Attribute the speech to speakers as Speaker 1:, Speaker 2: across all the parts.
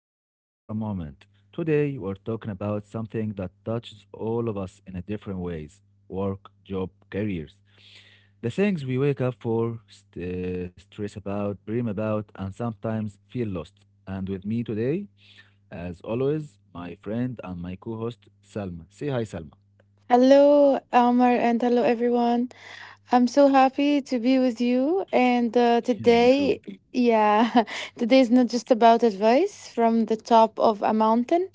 Speaker 1: and breathe for a moment. Today, we're talking about something that touches all of us in a different ways: work, job, careers. The things we wake up for, stress about, dream about, and sometimes feel lost. And with me today, as always, my friend and my co host, Salma. Say hi, Salma.
Speaker 2: Hello, Omar, and hello, everyone. I'm so happy to be with you. And uh,
Speaker 1: Yeah, me too.
Speaker 2: today, yeah, today is not just about advice from the top of a mountain.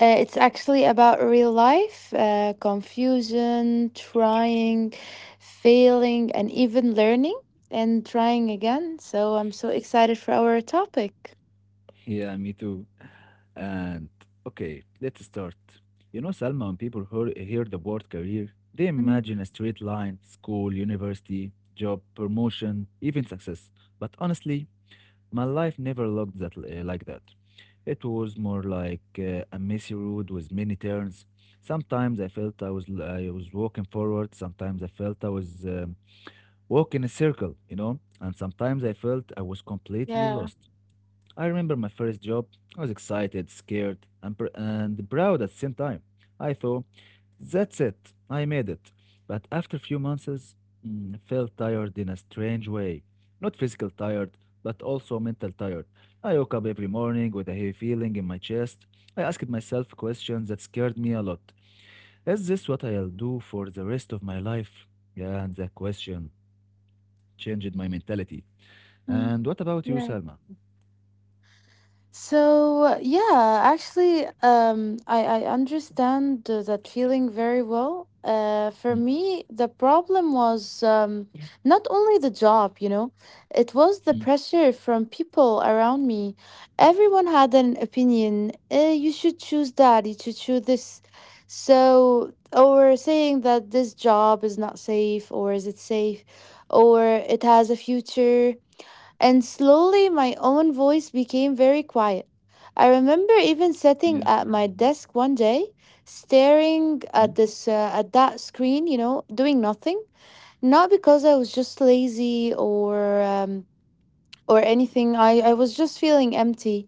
Speaker 2: It's actually about real life, confusion, trying, failing, and even learning and trying again. So I'm so excited for our topic.
Speaker 1: Yeah, me too. And okay, let's start. You know, Salma, when people hear the word career, they
Speaker 2: Mm.
Speaker 1: imagine a straight line: school, university, job, promotion, even success. But honestly, my life never looked that like that. It was more like a messy road with many turns. Sometimes I felt I was walking forward. Sometimes I felt I was walking a circle. And sometimes I felt I was completely
Speaker 2: Yeah.
Speaker 1: lost. I remember my first job. I was excited, scared, and proud at the same time. I thought, that's it, I made it. But after a few months, I felt tired in a strange way. Not physical tired, but also mental tired. I woke up every morning with a heavy feeling in my chest. I asked myself questions that scared me a lot. Is this what I'll do for the rest of my life? Yeah, and that question changed my mentality.
Speaker 2: Mm,
Speaker 1: And what about you,
Speaker 2: yeah.
Speaker 1: Salma?
Speaker 2: So, actually, I understand that feeling very well. For
Speaker 1: Mm.
Speaker 2: me, the problem was not only the job, you know, it
Speaker 1: Mm.
Speaker 2: was the pressure from people around me. Everyone had an opinion. Eh, you should choose that. You should choose this. So, or saying that this job is not safe, or is it safe, or it has a future, and slowly, my own voice became very quiet. I remember
Speaker 1: Yeah.
Speaker 2: even sitting at my desk one day,
Speaker 1: Mhm.
Speaker 2: staring at this at that screen, you know, doing nothing. Not because I was just lazy or anything. I was just feeling empty.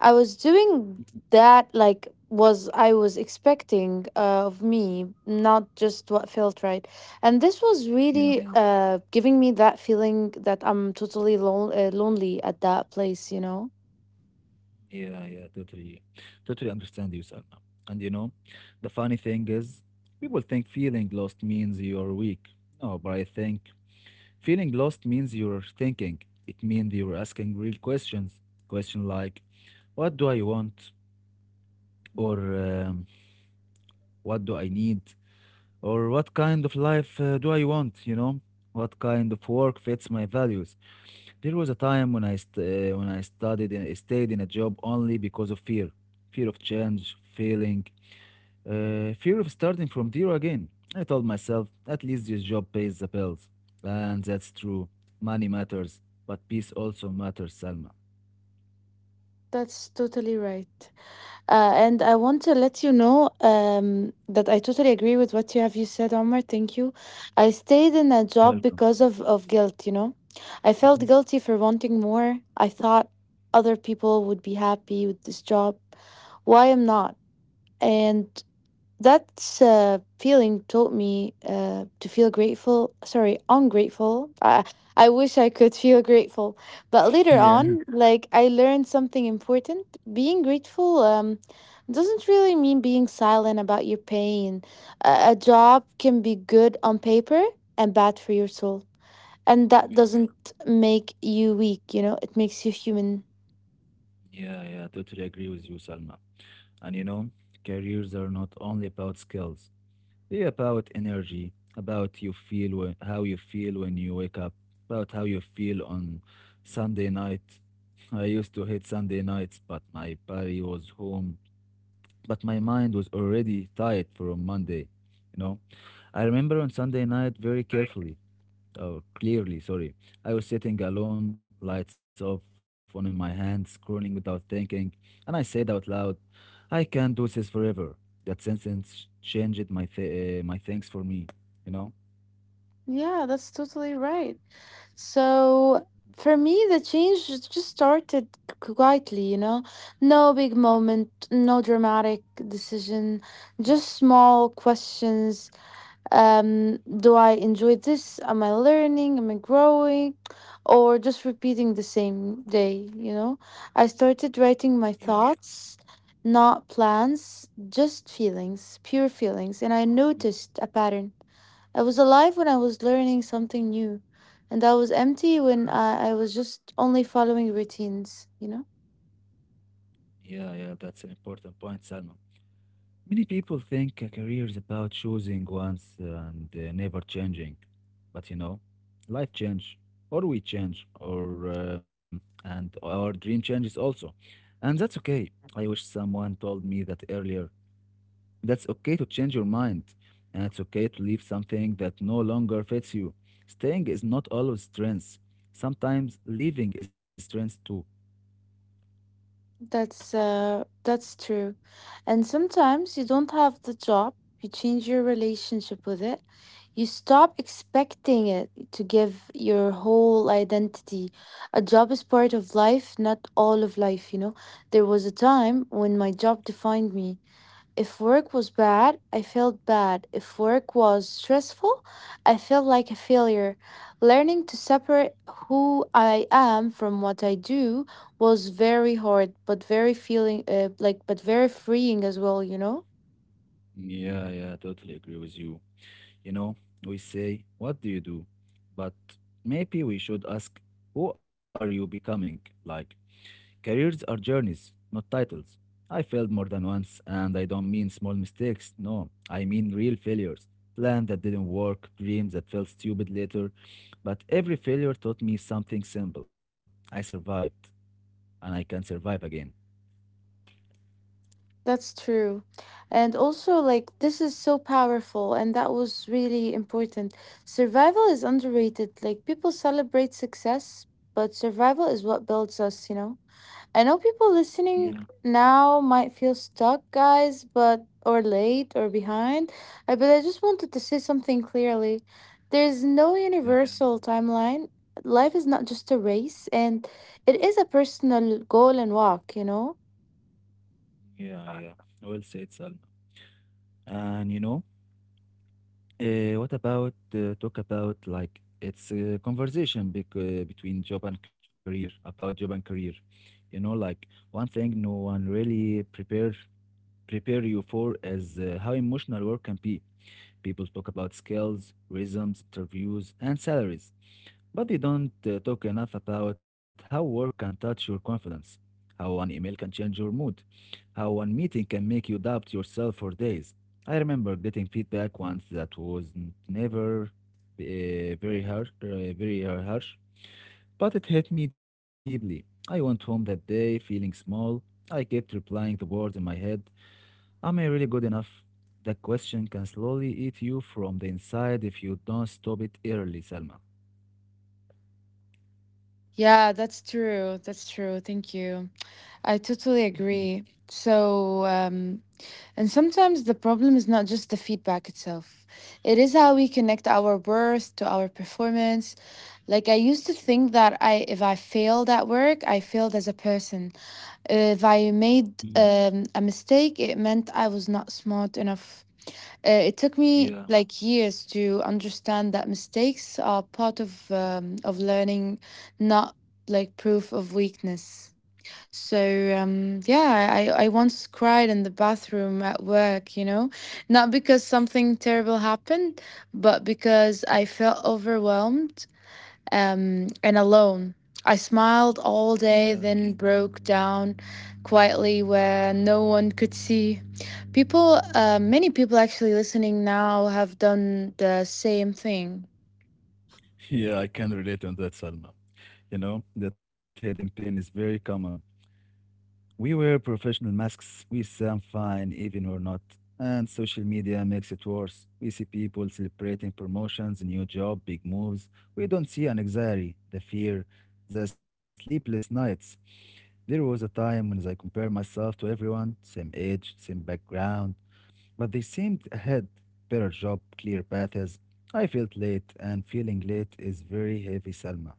Speaker 2: I was
Speaker 1: Mhm.
Speaker 2: doing that like was I was expecting of me, not just what felt right. And this was
Speaker 1: Yeah,
Speaker 2: really— Yeah. —giving me that feeling that I'm totally lonely at that place, you know?
Speaker 1: yeah, yeah, totally understand you, Salma. And you know, the funny thing is, people think feeling lost means you're weak. No, but I think feeling lost means you're thinking. It means you're asking real questions. Question like, what do I want? Or what do I need? Or what kind of life do I want? You know, what kind of work fits my values? There was a time when I studied and stayed in a job only because of fear, fear of change, failing, fear of starting from zero again. I told myself, at least this job pays the bills, and that's true. Money matters, but peace also matters, Salma.
Speaker 2: That's totally right. And I want to let you know that I totally agree with what you said, Omar. Thank you. I stayed in a job
Speaker 1: Welcome.
Speaker 2: because of guilt, you know. I felt
Speaker 1: Mhm.
Speaker 2: guilty for wanting more. I thought other people would be happy with this job. Why I'm not? And that feeling taught me to feel grateful— sorry, ungrateful. I wish I could feel grateful. But later
Speaker 1: Yeah.
Speaker 2: on, like, I learned something important. Being grateful doesn't really mean being silent about your pain. A job can be good on paper and bad for your soul. And that
Speaker 1: Yeah,
Speaker 2: doesn't make you weak, you know, it makes you human.
Speaker 1: yeah, yeah, totally agree with you, Salma. And you know, careers are not only about skills. Be about energy, about you feel when, how you feel when you wake up, about how you feel on Sunday night. I used to hate Sunday nights, but my body was home, but my mind was already tired from Monday. You know, I remember on Sunday night very carefully. Oh, clearly, sorry. I was sitting alone, lights off, phone in my hand, scrolling without thinking, and I said out loud, I can't do this forever. That sentence changed my things for me, you know?
Speaker 2: Yeah, that's totally right. So for me, the change just started quietly, you know? No big moment, no dramatic decision, just small questions. Do I enjoy this? Am I learning? Am I growing? Or just repeating the same day, you know? I started writing my
Speaker 1: Yeah,
Speaker 2: thoughts, not plans, just feelings, pure feelings. And I noticed a pattern. I was alive when I was learning something new, and I was empty when I was just only following routines, you know?
Speaker 1: yeah, yeah. That's an important point, Salma. Many people think a career is about choosing once and never changing. But you know, life change, or we change, or and our dream changes also. And that's okay. I wish someone told me that earlier. That's okay to change your mind, and it's okay to leave something that no longer fits you. Staying is not always strength. Sometimes leaving is a strength too.
Speaker 2: That's true. And sometimes you don't have the job, you change your relationship with it. You stop expecting it to give your whole identity. A job is part of life, not all of life, you know. There was a time when my job defined me. If work was bad, I felt bad. If work was stressful, I felt like a failure. Learning to separate who I am from what I do was very hard, but very feeling like but very freeing as well, you know?
Speaker 1: Yeah, yeah, totally agree with you. You know, we say, what do you do? But maybe we should ask, who are you becoming? Like, careers are journeys, not titles. I failed more than once, and I don't mean small mistakes. No, I mean real failures. Plans that didn't work, dreams that felt stupid later. But every failure taught me something simple. I survived, and I can survive again.
Speaker 2: That's true. And also, like, this is so powerful and that was really important. Survival is underrated. Like, people celebrate success, but survival is what builds us, you know? I know people
Speaker 1: Yeah,
Speaker 2: listening now might feel stuck, guys, but or late or behind. I just wanted to say something clearly. There's no
Speaker 1: yeah,
Speaker 2: universal timeline. Life is not just a race, and it is a personal goal and walk, you know?
Speaker 1: yeah, yeah. Well said, Salma. And you know, what about talk about like it's a conversation bec between job and career about job and career. You know, like one thing no one really prepare you for is how emotional work can be. People talk about skills, rhythms, interviews, and salaries, but they don't talk enough about how work can touch your confidence, how one email can change your mood, how one meeting can make you doubt yourself for days. I remember getting feedback once that was never very harsh, very harsh, but it hit me deeply. I went home that day feeling small. I kept replying the words in my head. Am I really good enough? That question can slowly eat you from the inside if you don't stop it early, Salma.
Speaker 2: Yeah, that's true. That's true. Thank you. I totally agree. So, and sometimes the problem is not just the feedback itself, it is how we connect our worth to our performance. Like, I used to think that I if I failed at work, I failed as a person. If I made
Speaker 1: Mhm.
Speaker 2: a mistake, it meant I was not smart enough. It took me
Speaker 1: Yeah,
Speaker 2: like years to understand that mistakes are part of learning, not like proof of weakness. So yeah, I once cried in the bathroom at work, you know, not because something terrible happened, but because I felt overwhelmed and alone. I smiled all day,
Speaker 1: yeah.
Speaker 2: then broke down quietly where no one could see. Many people actually listening now have done the same thing.
Speaker 1: Yeah, I can relate on that, Salma. You know, that hidden pain is very common. We wear professional masks, we sound fine even or not. And social media makes it worse. We see people celebrating promotions, new job, big moves. We don't see an anxiety, the fear, the sleepless nights. There was a time when I compared myself to everyone, same age, same background, but they seemed ahead, better job, clear paths. I felt late, and feeling late is very heavy, Salma.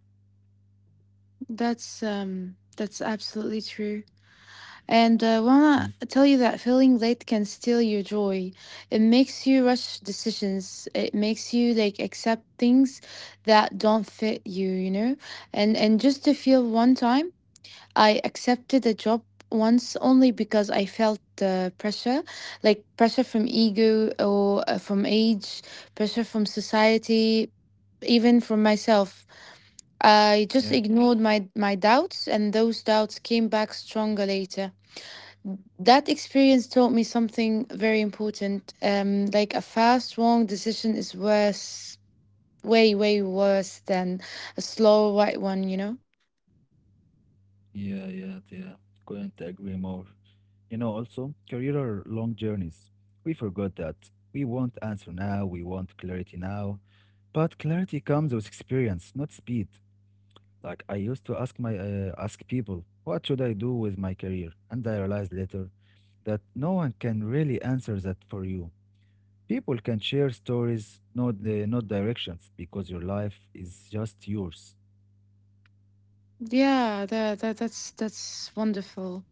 Speaker 2: That's absolutely true. And I wanna
Speaker 1: Mhm.
Speaker 2: tell you that feeling late can steal your joy. It makes you rush decisions. It makes you like accept things that don't fit you. You know, and just to feel one time I accepted a job once only because I felt pressure, like pressure from ego or from age, pressure from society, even from myself. I just
Speaker 1: Yeah,
Speaker 2: ignored my doubts, and those doubts came back stronger later. That experience taught me something very important. Like, a fast, wrong decision is worse, way, way worse than a slow, right one, you know?
Speaker 1: yeah, yeah, yeah. Couldn't agree more. You know, also, career are long journeys. We forgot that. We want answer now, we want clarity now. But clarity comes with experience, not speed. Like I used to ask my ask people, what should I do with my career? And I realized later that no one can really answer that for you. People can share stories, not directions, because your life is just yours.
Speaker 2: Yeah, that's wonderful.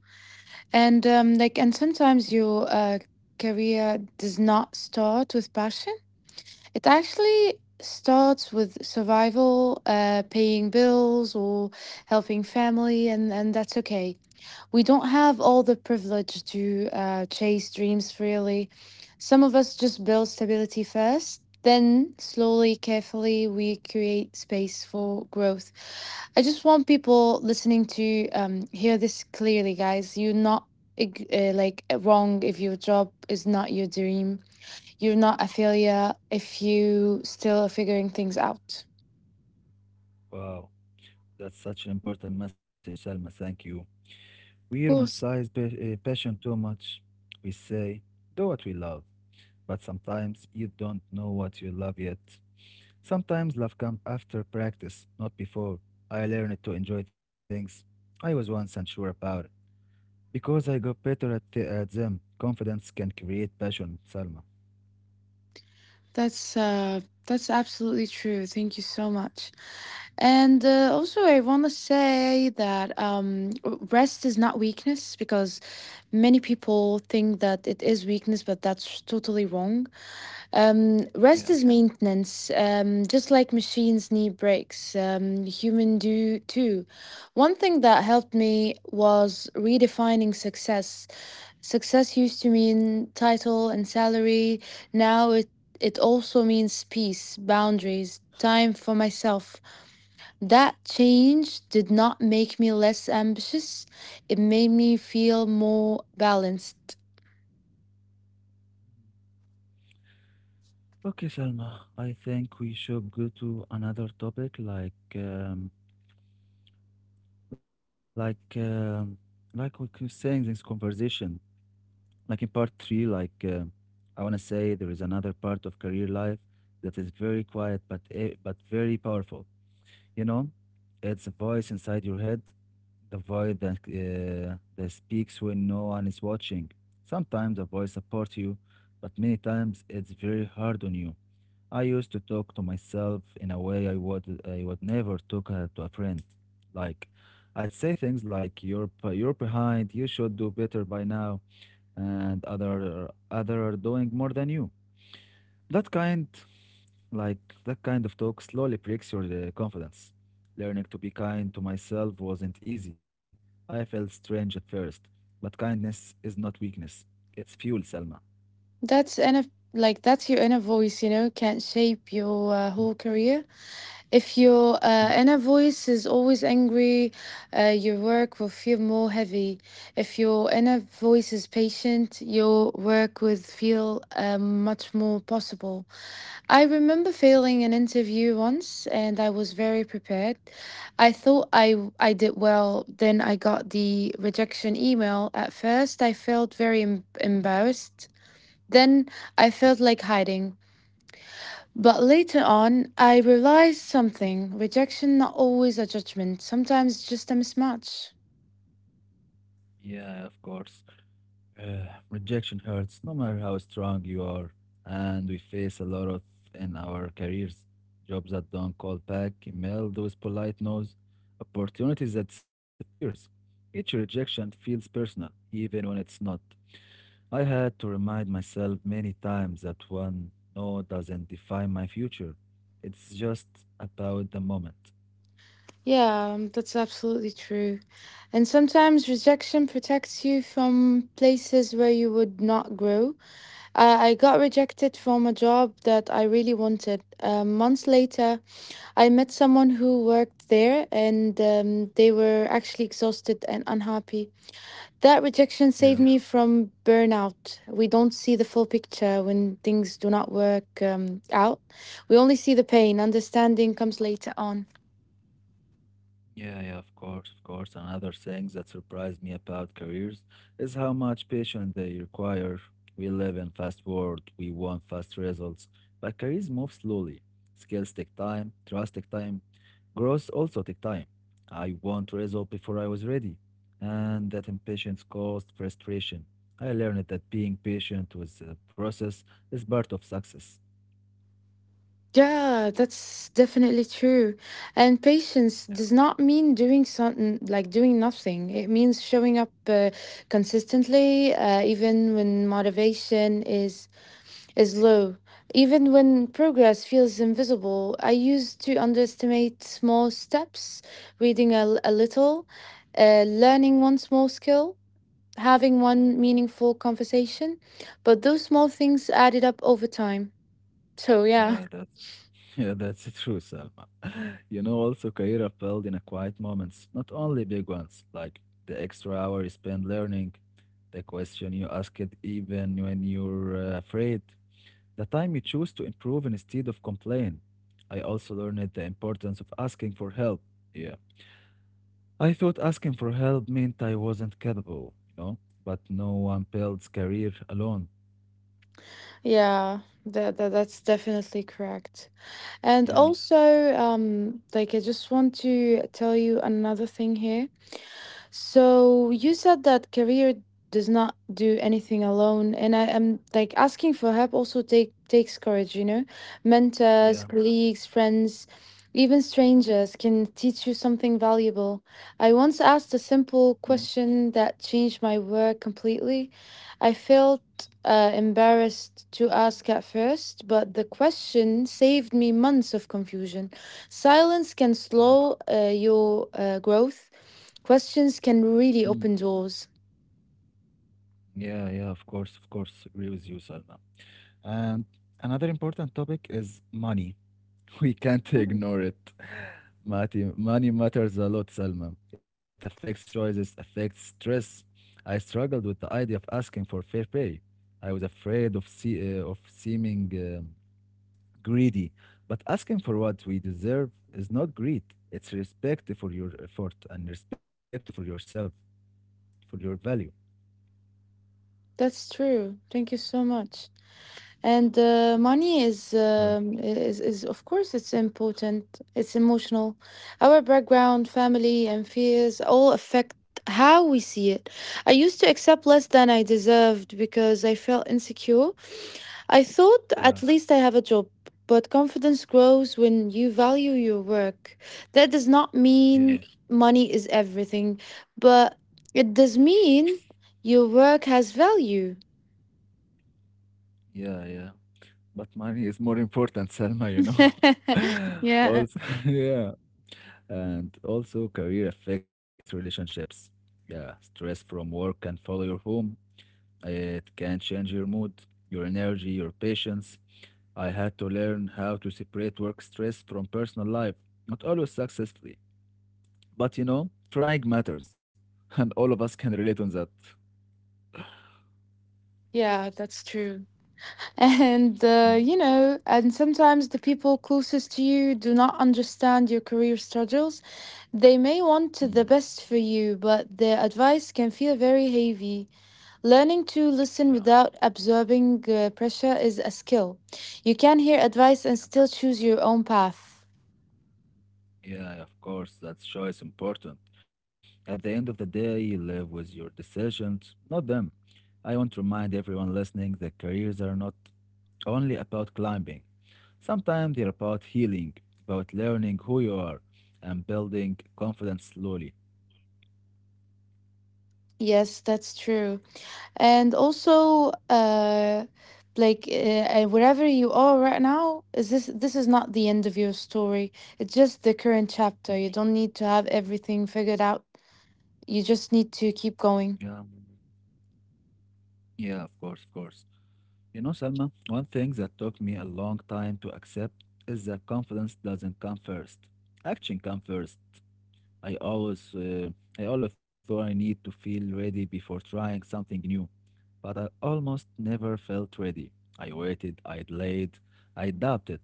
Speaker 2: And like, and sometimes your career does not start with passion. It actually starts with survival, paying bills, or helping family, and that's okay, we don't have all the privilege to chase dreams freely. Some of us just build stability first, then slowly, carefully, we create space for growth. I just want people listening to hear this clearly, guys. You're not wrong if your job is not your dream. You're not a failure if you still are figuring things out.
Speaker 1: Wow, that's such an important message, Salma. Thank you. We
Speaker 2: Of
Speaker 1: romanticize
Speaker 2: course.
Speaker 1: passion too much. We say, do what we love, but sometimes you don't know what you love yet. Sometimes love comes after practice, not before. I learned to enjoy things I was once unsure about because I got better at them. Confidence can create passion, Salma.
Speaker 2: That's uh that's absolutely true. Thank you so much. And also, I want to say that rest is not weakness, because many people think that it is weakness, but that's totally wrong. Um Rest
Speaker 1: Yeah.
Speaker 2: is maintenance. Just like machines need breaks, human do too. One thing that helped me was redefining success. Success used to mean title and salary. Now it also means peace, boundaries, time for myself. That change did not make me less ambitious. It made me feel more balanced.
Speaker 1: Okay, Salma. I think we should go to another topic, like, um, like we keep saying this conversation. Like in part three, like I want to say there is another part of career life that is very quiet but very powerful. You know, it's a voice inside your head, the voice that speaks when no one is watching. Sometimes a voice supports you, but many times it's very hard on you. I used to talk to myself in a way I would never talk to a friend. Like I'd say things like you're behind, you should do better by now and other are doing more than you. That kind, like that kind of talk slowly breaks your confidence. Learning to be kind to myself wasn't easy. I felt strange at first, but kindness is not weakness; it's fuel, Selma.
Speaker 2: That's inner, like, that's your inner voice, you know, can shape your whole career. If your inner voice is always angry, your work will feel more heavy. If your inner voice is patient, your work would feel much more possible. I remember failing an interview once, and I was very prepared. I thought I did well, then I got the rejection email. At first, I felt very embarrassed. Then I felt like hiding. But later on, I realized something: rejection not always a judgment, sometimes just a mismatch.
Speaker 1: Yeah, of course. Uh, Rejection hurts no matter how strong you are, and we face a lot of in our careers. Jobs that don't call back, email those polite no's, opportunities that disappears. Each rejection feels personal, even when it's not. I had to remind myself many times that one no doesn't define my future. It's just about the moment.
Speaker 2: Yeah, that's absolutely true. And sometimes rejection protects you from places where you would not grow. I got rejected from a job that I really wanted. Months later, I met someone who worked there, and they were actually exhausted and unhappy. That rejection
Speaker 1: Yeah.
Speaker 2: saved me from burnout. We don't see the full picture when things do not work out. We only see the pain. Understanding comes later on.
Speaker 1: Yeah, yeah, of course, of course. Another thing that surprised me about careers is how much patience they require. We live in fast world, we want fast results, but careers move slowly. Skills take time, trust take time, growth also take time. I want result before I was ready, and that impatience caused frustration. I learned that being patient with the process is part of success.
Speaker 2: Yeah, that's definitely true. And patience does not mean doing something like doing nothing. It means showing up consistently, even when motivation is low. Even when progress feels invisible, I used to underestimate small steps, reading a little, learning one small skill, having one meaningful conversation. But those small things added up over time. So, yeah,
Speaker 1: Yeah, that's Yeah, that's true, Selma. You know, also Kaira filled in a quiet moments, not only big ones, like the extra hour you spend learning, the question you ask it even when you're afraid, the time you choose to improve instead of complain. I also learned the importance of asking for help. Yeah. I thought asking for help meant I wasn't capable, but no one builds career alone.
Speaker 2: yeah. That's definitely correct. And
Speaker 1: Yeah,
Speaker 2: also, like, I just want to tell you another thing here. So you said that career does not do anything alone, and I am, like, asking for help also takes courage, you know?
Speaker 1: yeah.
Speaker 2: Mentors, colleagues, friends, even strangers can teach you something valuable. I once asked a
Speaker 1: Mm.
Speaker 2: simple question that changed my work completely. I felt embarrassed to ask at first, but the question saved me months of confusion. Silence can
Speaker 1: Wow.
Speaker 2: slow your growth. Questions can
Speaker 1: Mm.
Speaker 2: really open doors.
Speaker 1: Yeah, yeah, of course, of course. Agree with you, Salma. And another important topic is money. We can't
Speaker 2: Yeah,
Speaker 1: ignore it. Money matters a lot, Salma. It affects choices, affects stress. I struggled with the idea of asking for fair pay. I was afraid of of seeming greedy, but asking for what we deserve is not greed. It's respect for your effort and respect for yourself, for your value.
Speaker 2: that's true. Thank you so much. And money is,
Speaker 1: Right.
Speaker 2: of course it's important. It's emotional. Our background, family, and fears all affect how we see it. I used to accept less than I deserved because I felt insecure. I thought
Speaker 1: Yeah,
Speaker 2: at least I have a job, but confidence grows when you value your work. That does not mean
Speaker 1: yeah,
Speaker 2: money is everything, but it does mean your work has value.
Speaker 1: yeah, yeah. But money is more important, Selma.
Speaker 2: Yeah,
Speaker 1: Also, yeah. And also, career affects relationships. Yeah, stress from work can follow your home. It can change your mood, your energy, your patience. I had to learn how to separate work stress from personal life, not always successfully, but trying matters, and all of us can relate on that.
Speaker 2: yeah, that's true. And,
Speaker 1: Mm.
Speaker 2: you know, and sometimes the people closest to you do not understand your career struggles. They may want to the
Speaker 1: Mm.
Speaker 2: best for you, but their advice can feel very heavy. Learning to listen
Speaker 1: Yeah.
Speaker 2: without absorbing pressure is a skill. You can hear advice and still choose your own path.
Speaker 1: Yeah, of course, that choice important. At the end of the day, you live with your decisions, not them. I want to remind everyone listening that careers are not only about climbing. Sometimes they're about healing, about learning who you are, and building confidence slowly.
Speaker 2: Yes, that's true. And also, like uh, wherever you are right now, is this this is not the end of your story. It's just the current chapter. You don't need to have everything figured out. You just need to keep
Speaker 1: Yeah,
Speaker 2: going.
Speaker 1: yeah, of course, of course. You know, Salma, one thing that took me a long time to accept is that confidence doesn't come first. Action comes first. I always, uh, I always thought I need to feel ready before trying something new, but I almost never felt ready. I waited, I delayed, I doubted.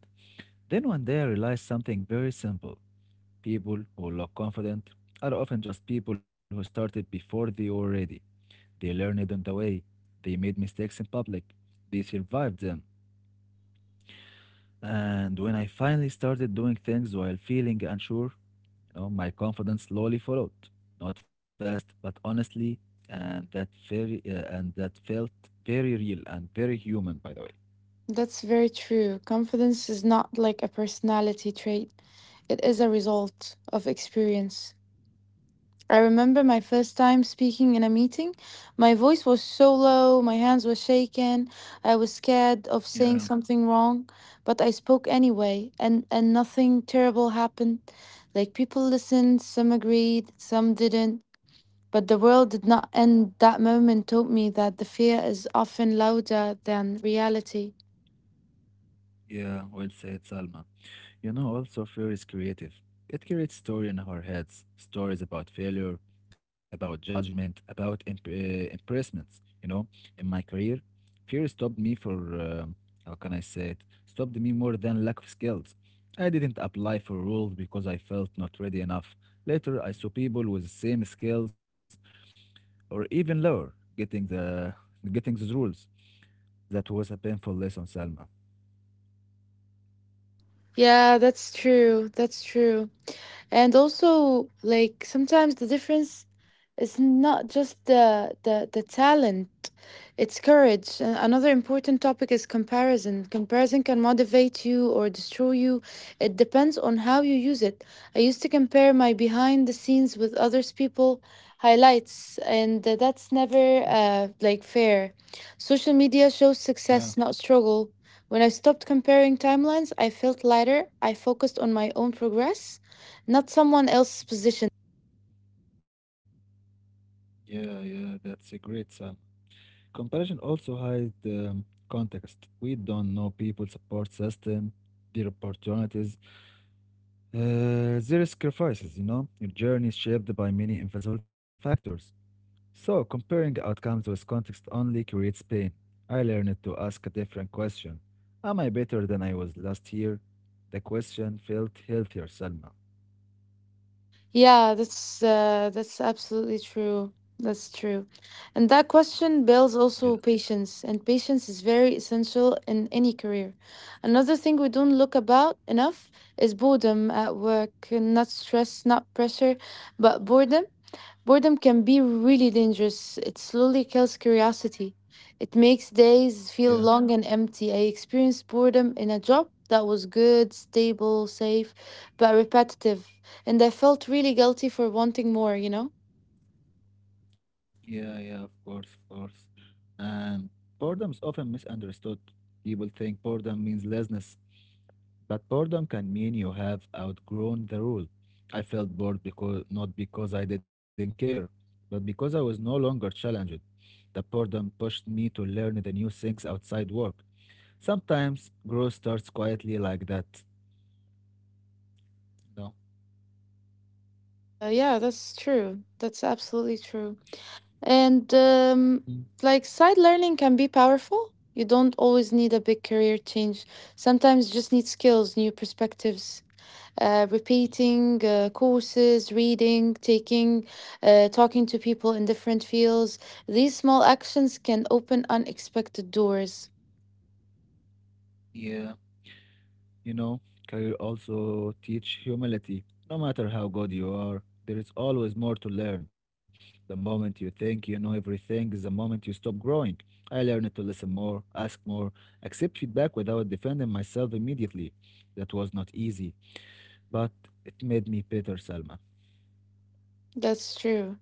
Speaker 1: Then one day I realized something very simple. People who look confident are often just people who started before they were ready. They learned on the way. They made mistakes in public. They survived them. And when I finally started doing things while feeling unsure, you know, my confidence slowly followed, not fast, but honestly, and that felt very real and very human, by the way.
Speaker 2: That's very true. Confidence is not like a personality trait. It is a result of experience. I remember my first time speaking in a meeting. My voice was so low, my hands were shaking. I was scared of saying
Speaker 1: Yeah,
Speaker 2: something wrong, but I spoke anyway, and, nothing terrible happened. Like, people listened, some agreed, some didn't. But the world did not end. That moment taught me that the fear is often louder than reality.
Speaker 1: yeah, well said, Salma. You know, also fear is creative. It creates story in our heads, stories about failure, about judgment, about impressments. You know, in my career, fear stopped me for how can I say it? Stopped me more than lack of skills. I didn't apply for roles because I felt not ready enough. Later, I saw people with the same skills or even lower getting the getting those roles. That was a painful lesson, Salma.
Speaker 2: Yeah, that's true. That's true. And also, like, sometimes the difference is not just the talent, it's courage. Another important topic is comparison. Comparison can motivate you or destroy you, it depends on how you use it. I used to compare my behind the scenes with others people highlights, and that's never like fair. Social media shows
Speaker 1: Yeah,
Speaker 2: success, not struggle. When I stopped comparing timelines, I felt lighter. I focused on my own progress, not someone else's position.
Speaker 1: yeah, yeah. That's a great. Comparison also hide context. We don't know people support system, their opportunities, their sacrifices. You know, your journey is shaped by many invisible factors. So comparing outcomes with context only creates pain. I learned to ask a different question. Am I better than I was last year? The question felt healthier, Salma.
Speaker 2: Yeah, that's absolutely true. That's true. And that question builds
Speaker 1: Yeah,
Speaker 2: also patience, and patience is very essential in any career. Another thing we don't look about enough is boredom at work, not stress, not pressure, but boredom. Boredom can be really dangerous. It slowly kills curiosity. It makes days
Speaker 1: yeah,
Speaker 2: feel long and empty. I experienced boredom in a job that was good, stable, safe, but repetitive. And I felt really guilty for wanting more, you know?
Speaker 1: yeah, yeah. Of course, of course. And boredom is often misunderstood. People think boredom means laziness. But boredom can mean you have outgrown the rule. I felt bored because not because I didn't care, but because I was no longer challenged. The boredom pushed me to learn the new things outside work. Sometimes growth starts quietly like that. No.
Speaker 2: Yeah, that's true. That's absolutely true. And
Speaker 1: Mhm.
Speaker 2: like, side learning can be powerful. You don't always need a big career change. Sometimes you just need skills, new perspectives, repeating courses, reading, taking, talking to people in different fields. These small actions can open unexpected doors.
Speaker 1: Yeah. You know, career also teach humility. No matter how good you are, there is always more to learn. The moment you think you know everything is the moment you stop growing. I learned to listen more, ask more, accept feedback without defending myself immediately. That was not easy, but it made me better, Salma.
Speaker 2: That's true.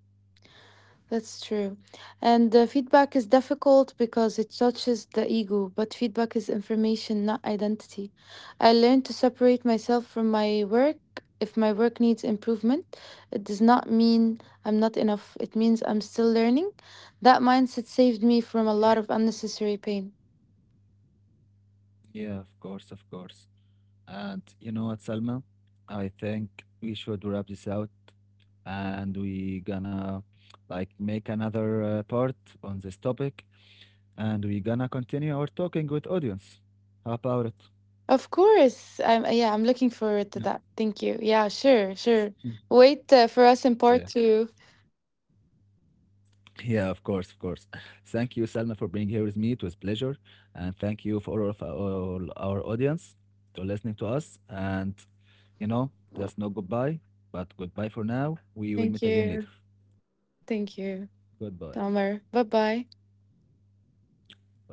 Speaker 2: That's true. And the feedback is difficult because it touches the ego, but feedback is information, not identity. I learned to separate myself from my work. If my work needs improvement, it does not mean I'm not enough. It means I'm still learning. That mindset saved me
Speaker 1: Yeah,
Speaker 2: from a lot of unnecessary pain.
Speaker 1: yeah, of course, of course. And you know what, Salma? I think we should wrap this out and we gonna like make another part on this topic and we gonna continue our talking with audience. How about it?
Speaker 2: Of course. I'm, yeah, I'm looking forward to
Speaker 1: Yeah.
Speaker 2: that. Thank you. Yeah, sure, sure.
Speaker 1: Mm.
Speaker 2: Wait for us in part
Speaker 1: Yeah.
Speaker 2: two.
Speaker 1: Yeah, of course, of course. Thank you, Salma, for being here with me. It was pleasure. And thank you for all of all our audience to listening to us. And, you know, just no goodbye, but goodbye for now. We will
Speaker 2: Thank
Speaker 1: meet again later.
Speaker 2: you. Thank you,
Speaker 1: Goodbye.
Speaker 2: Tamar. Bye bye.
Speaker 1: Bye.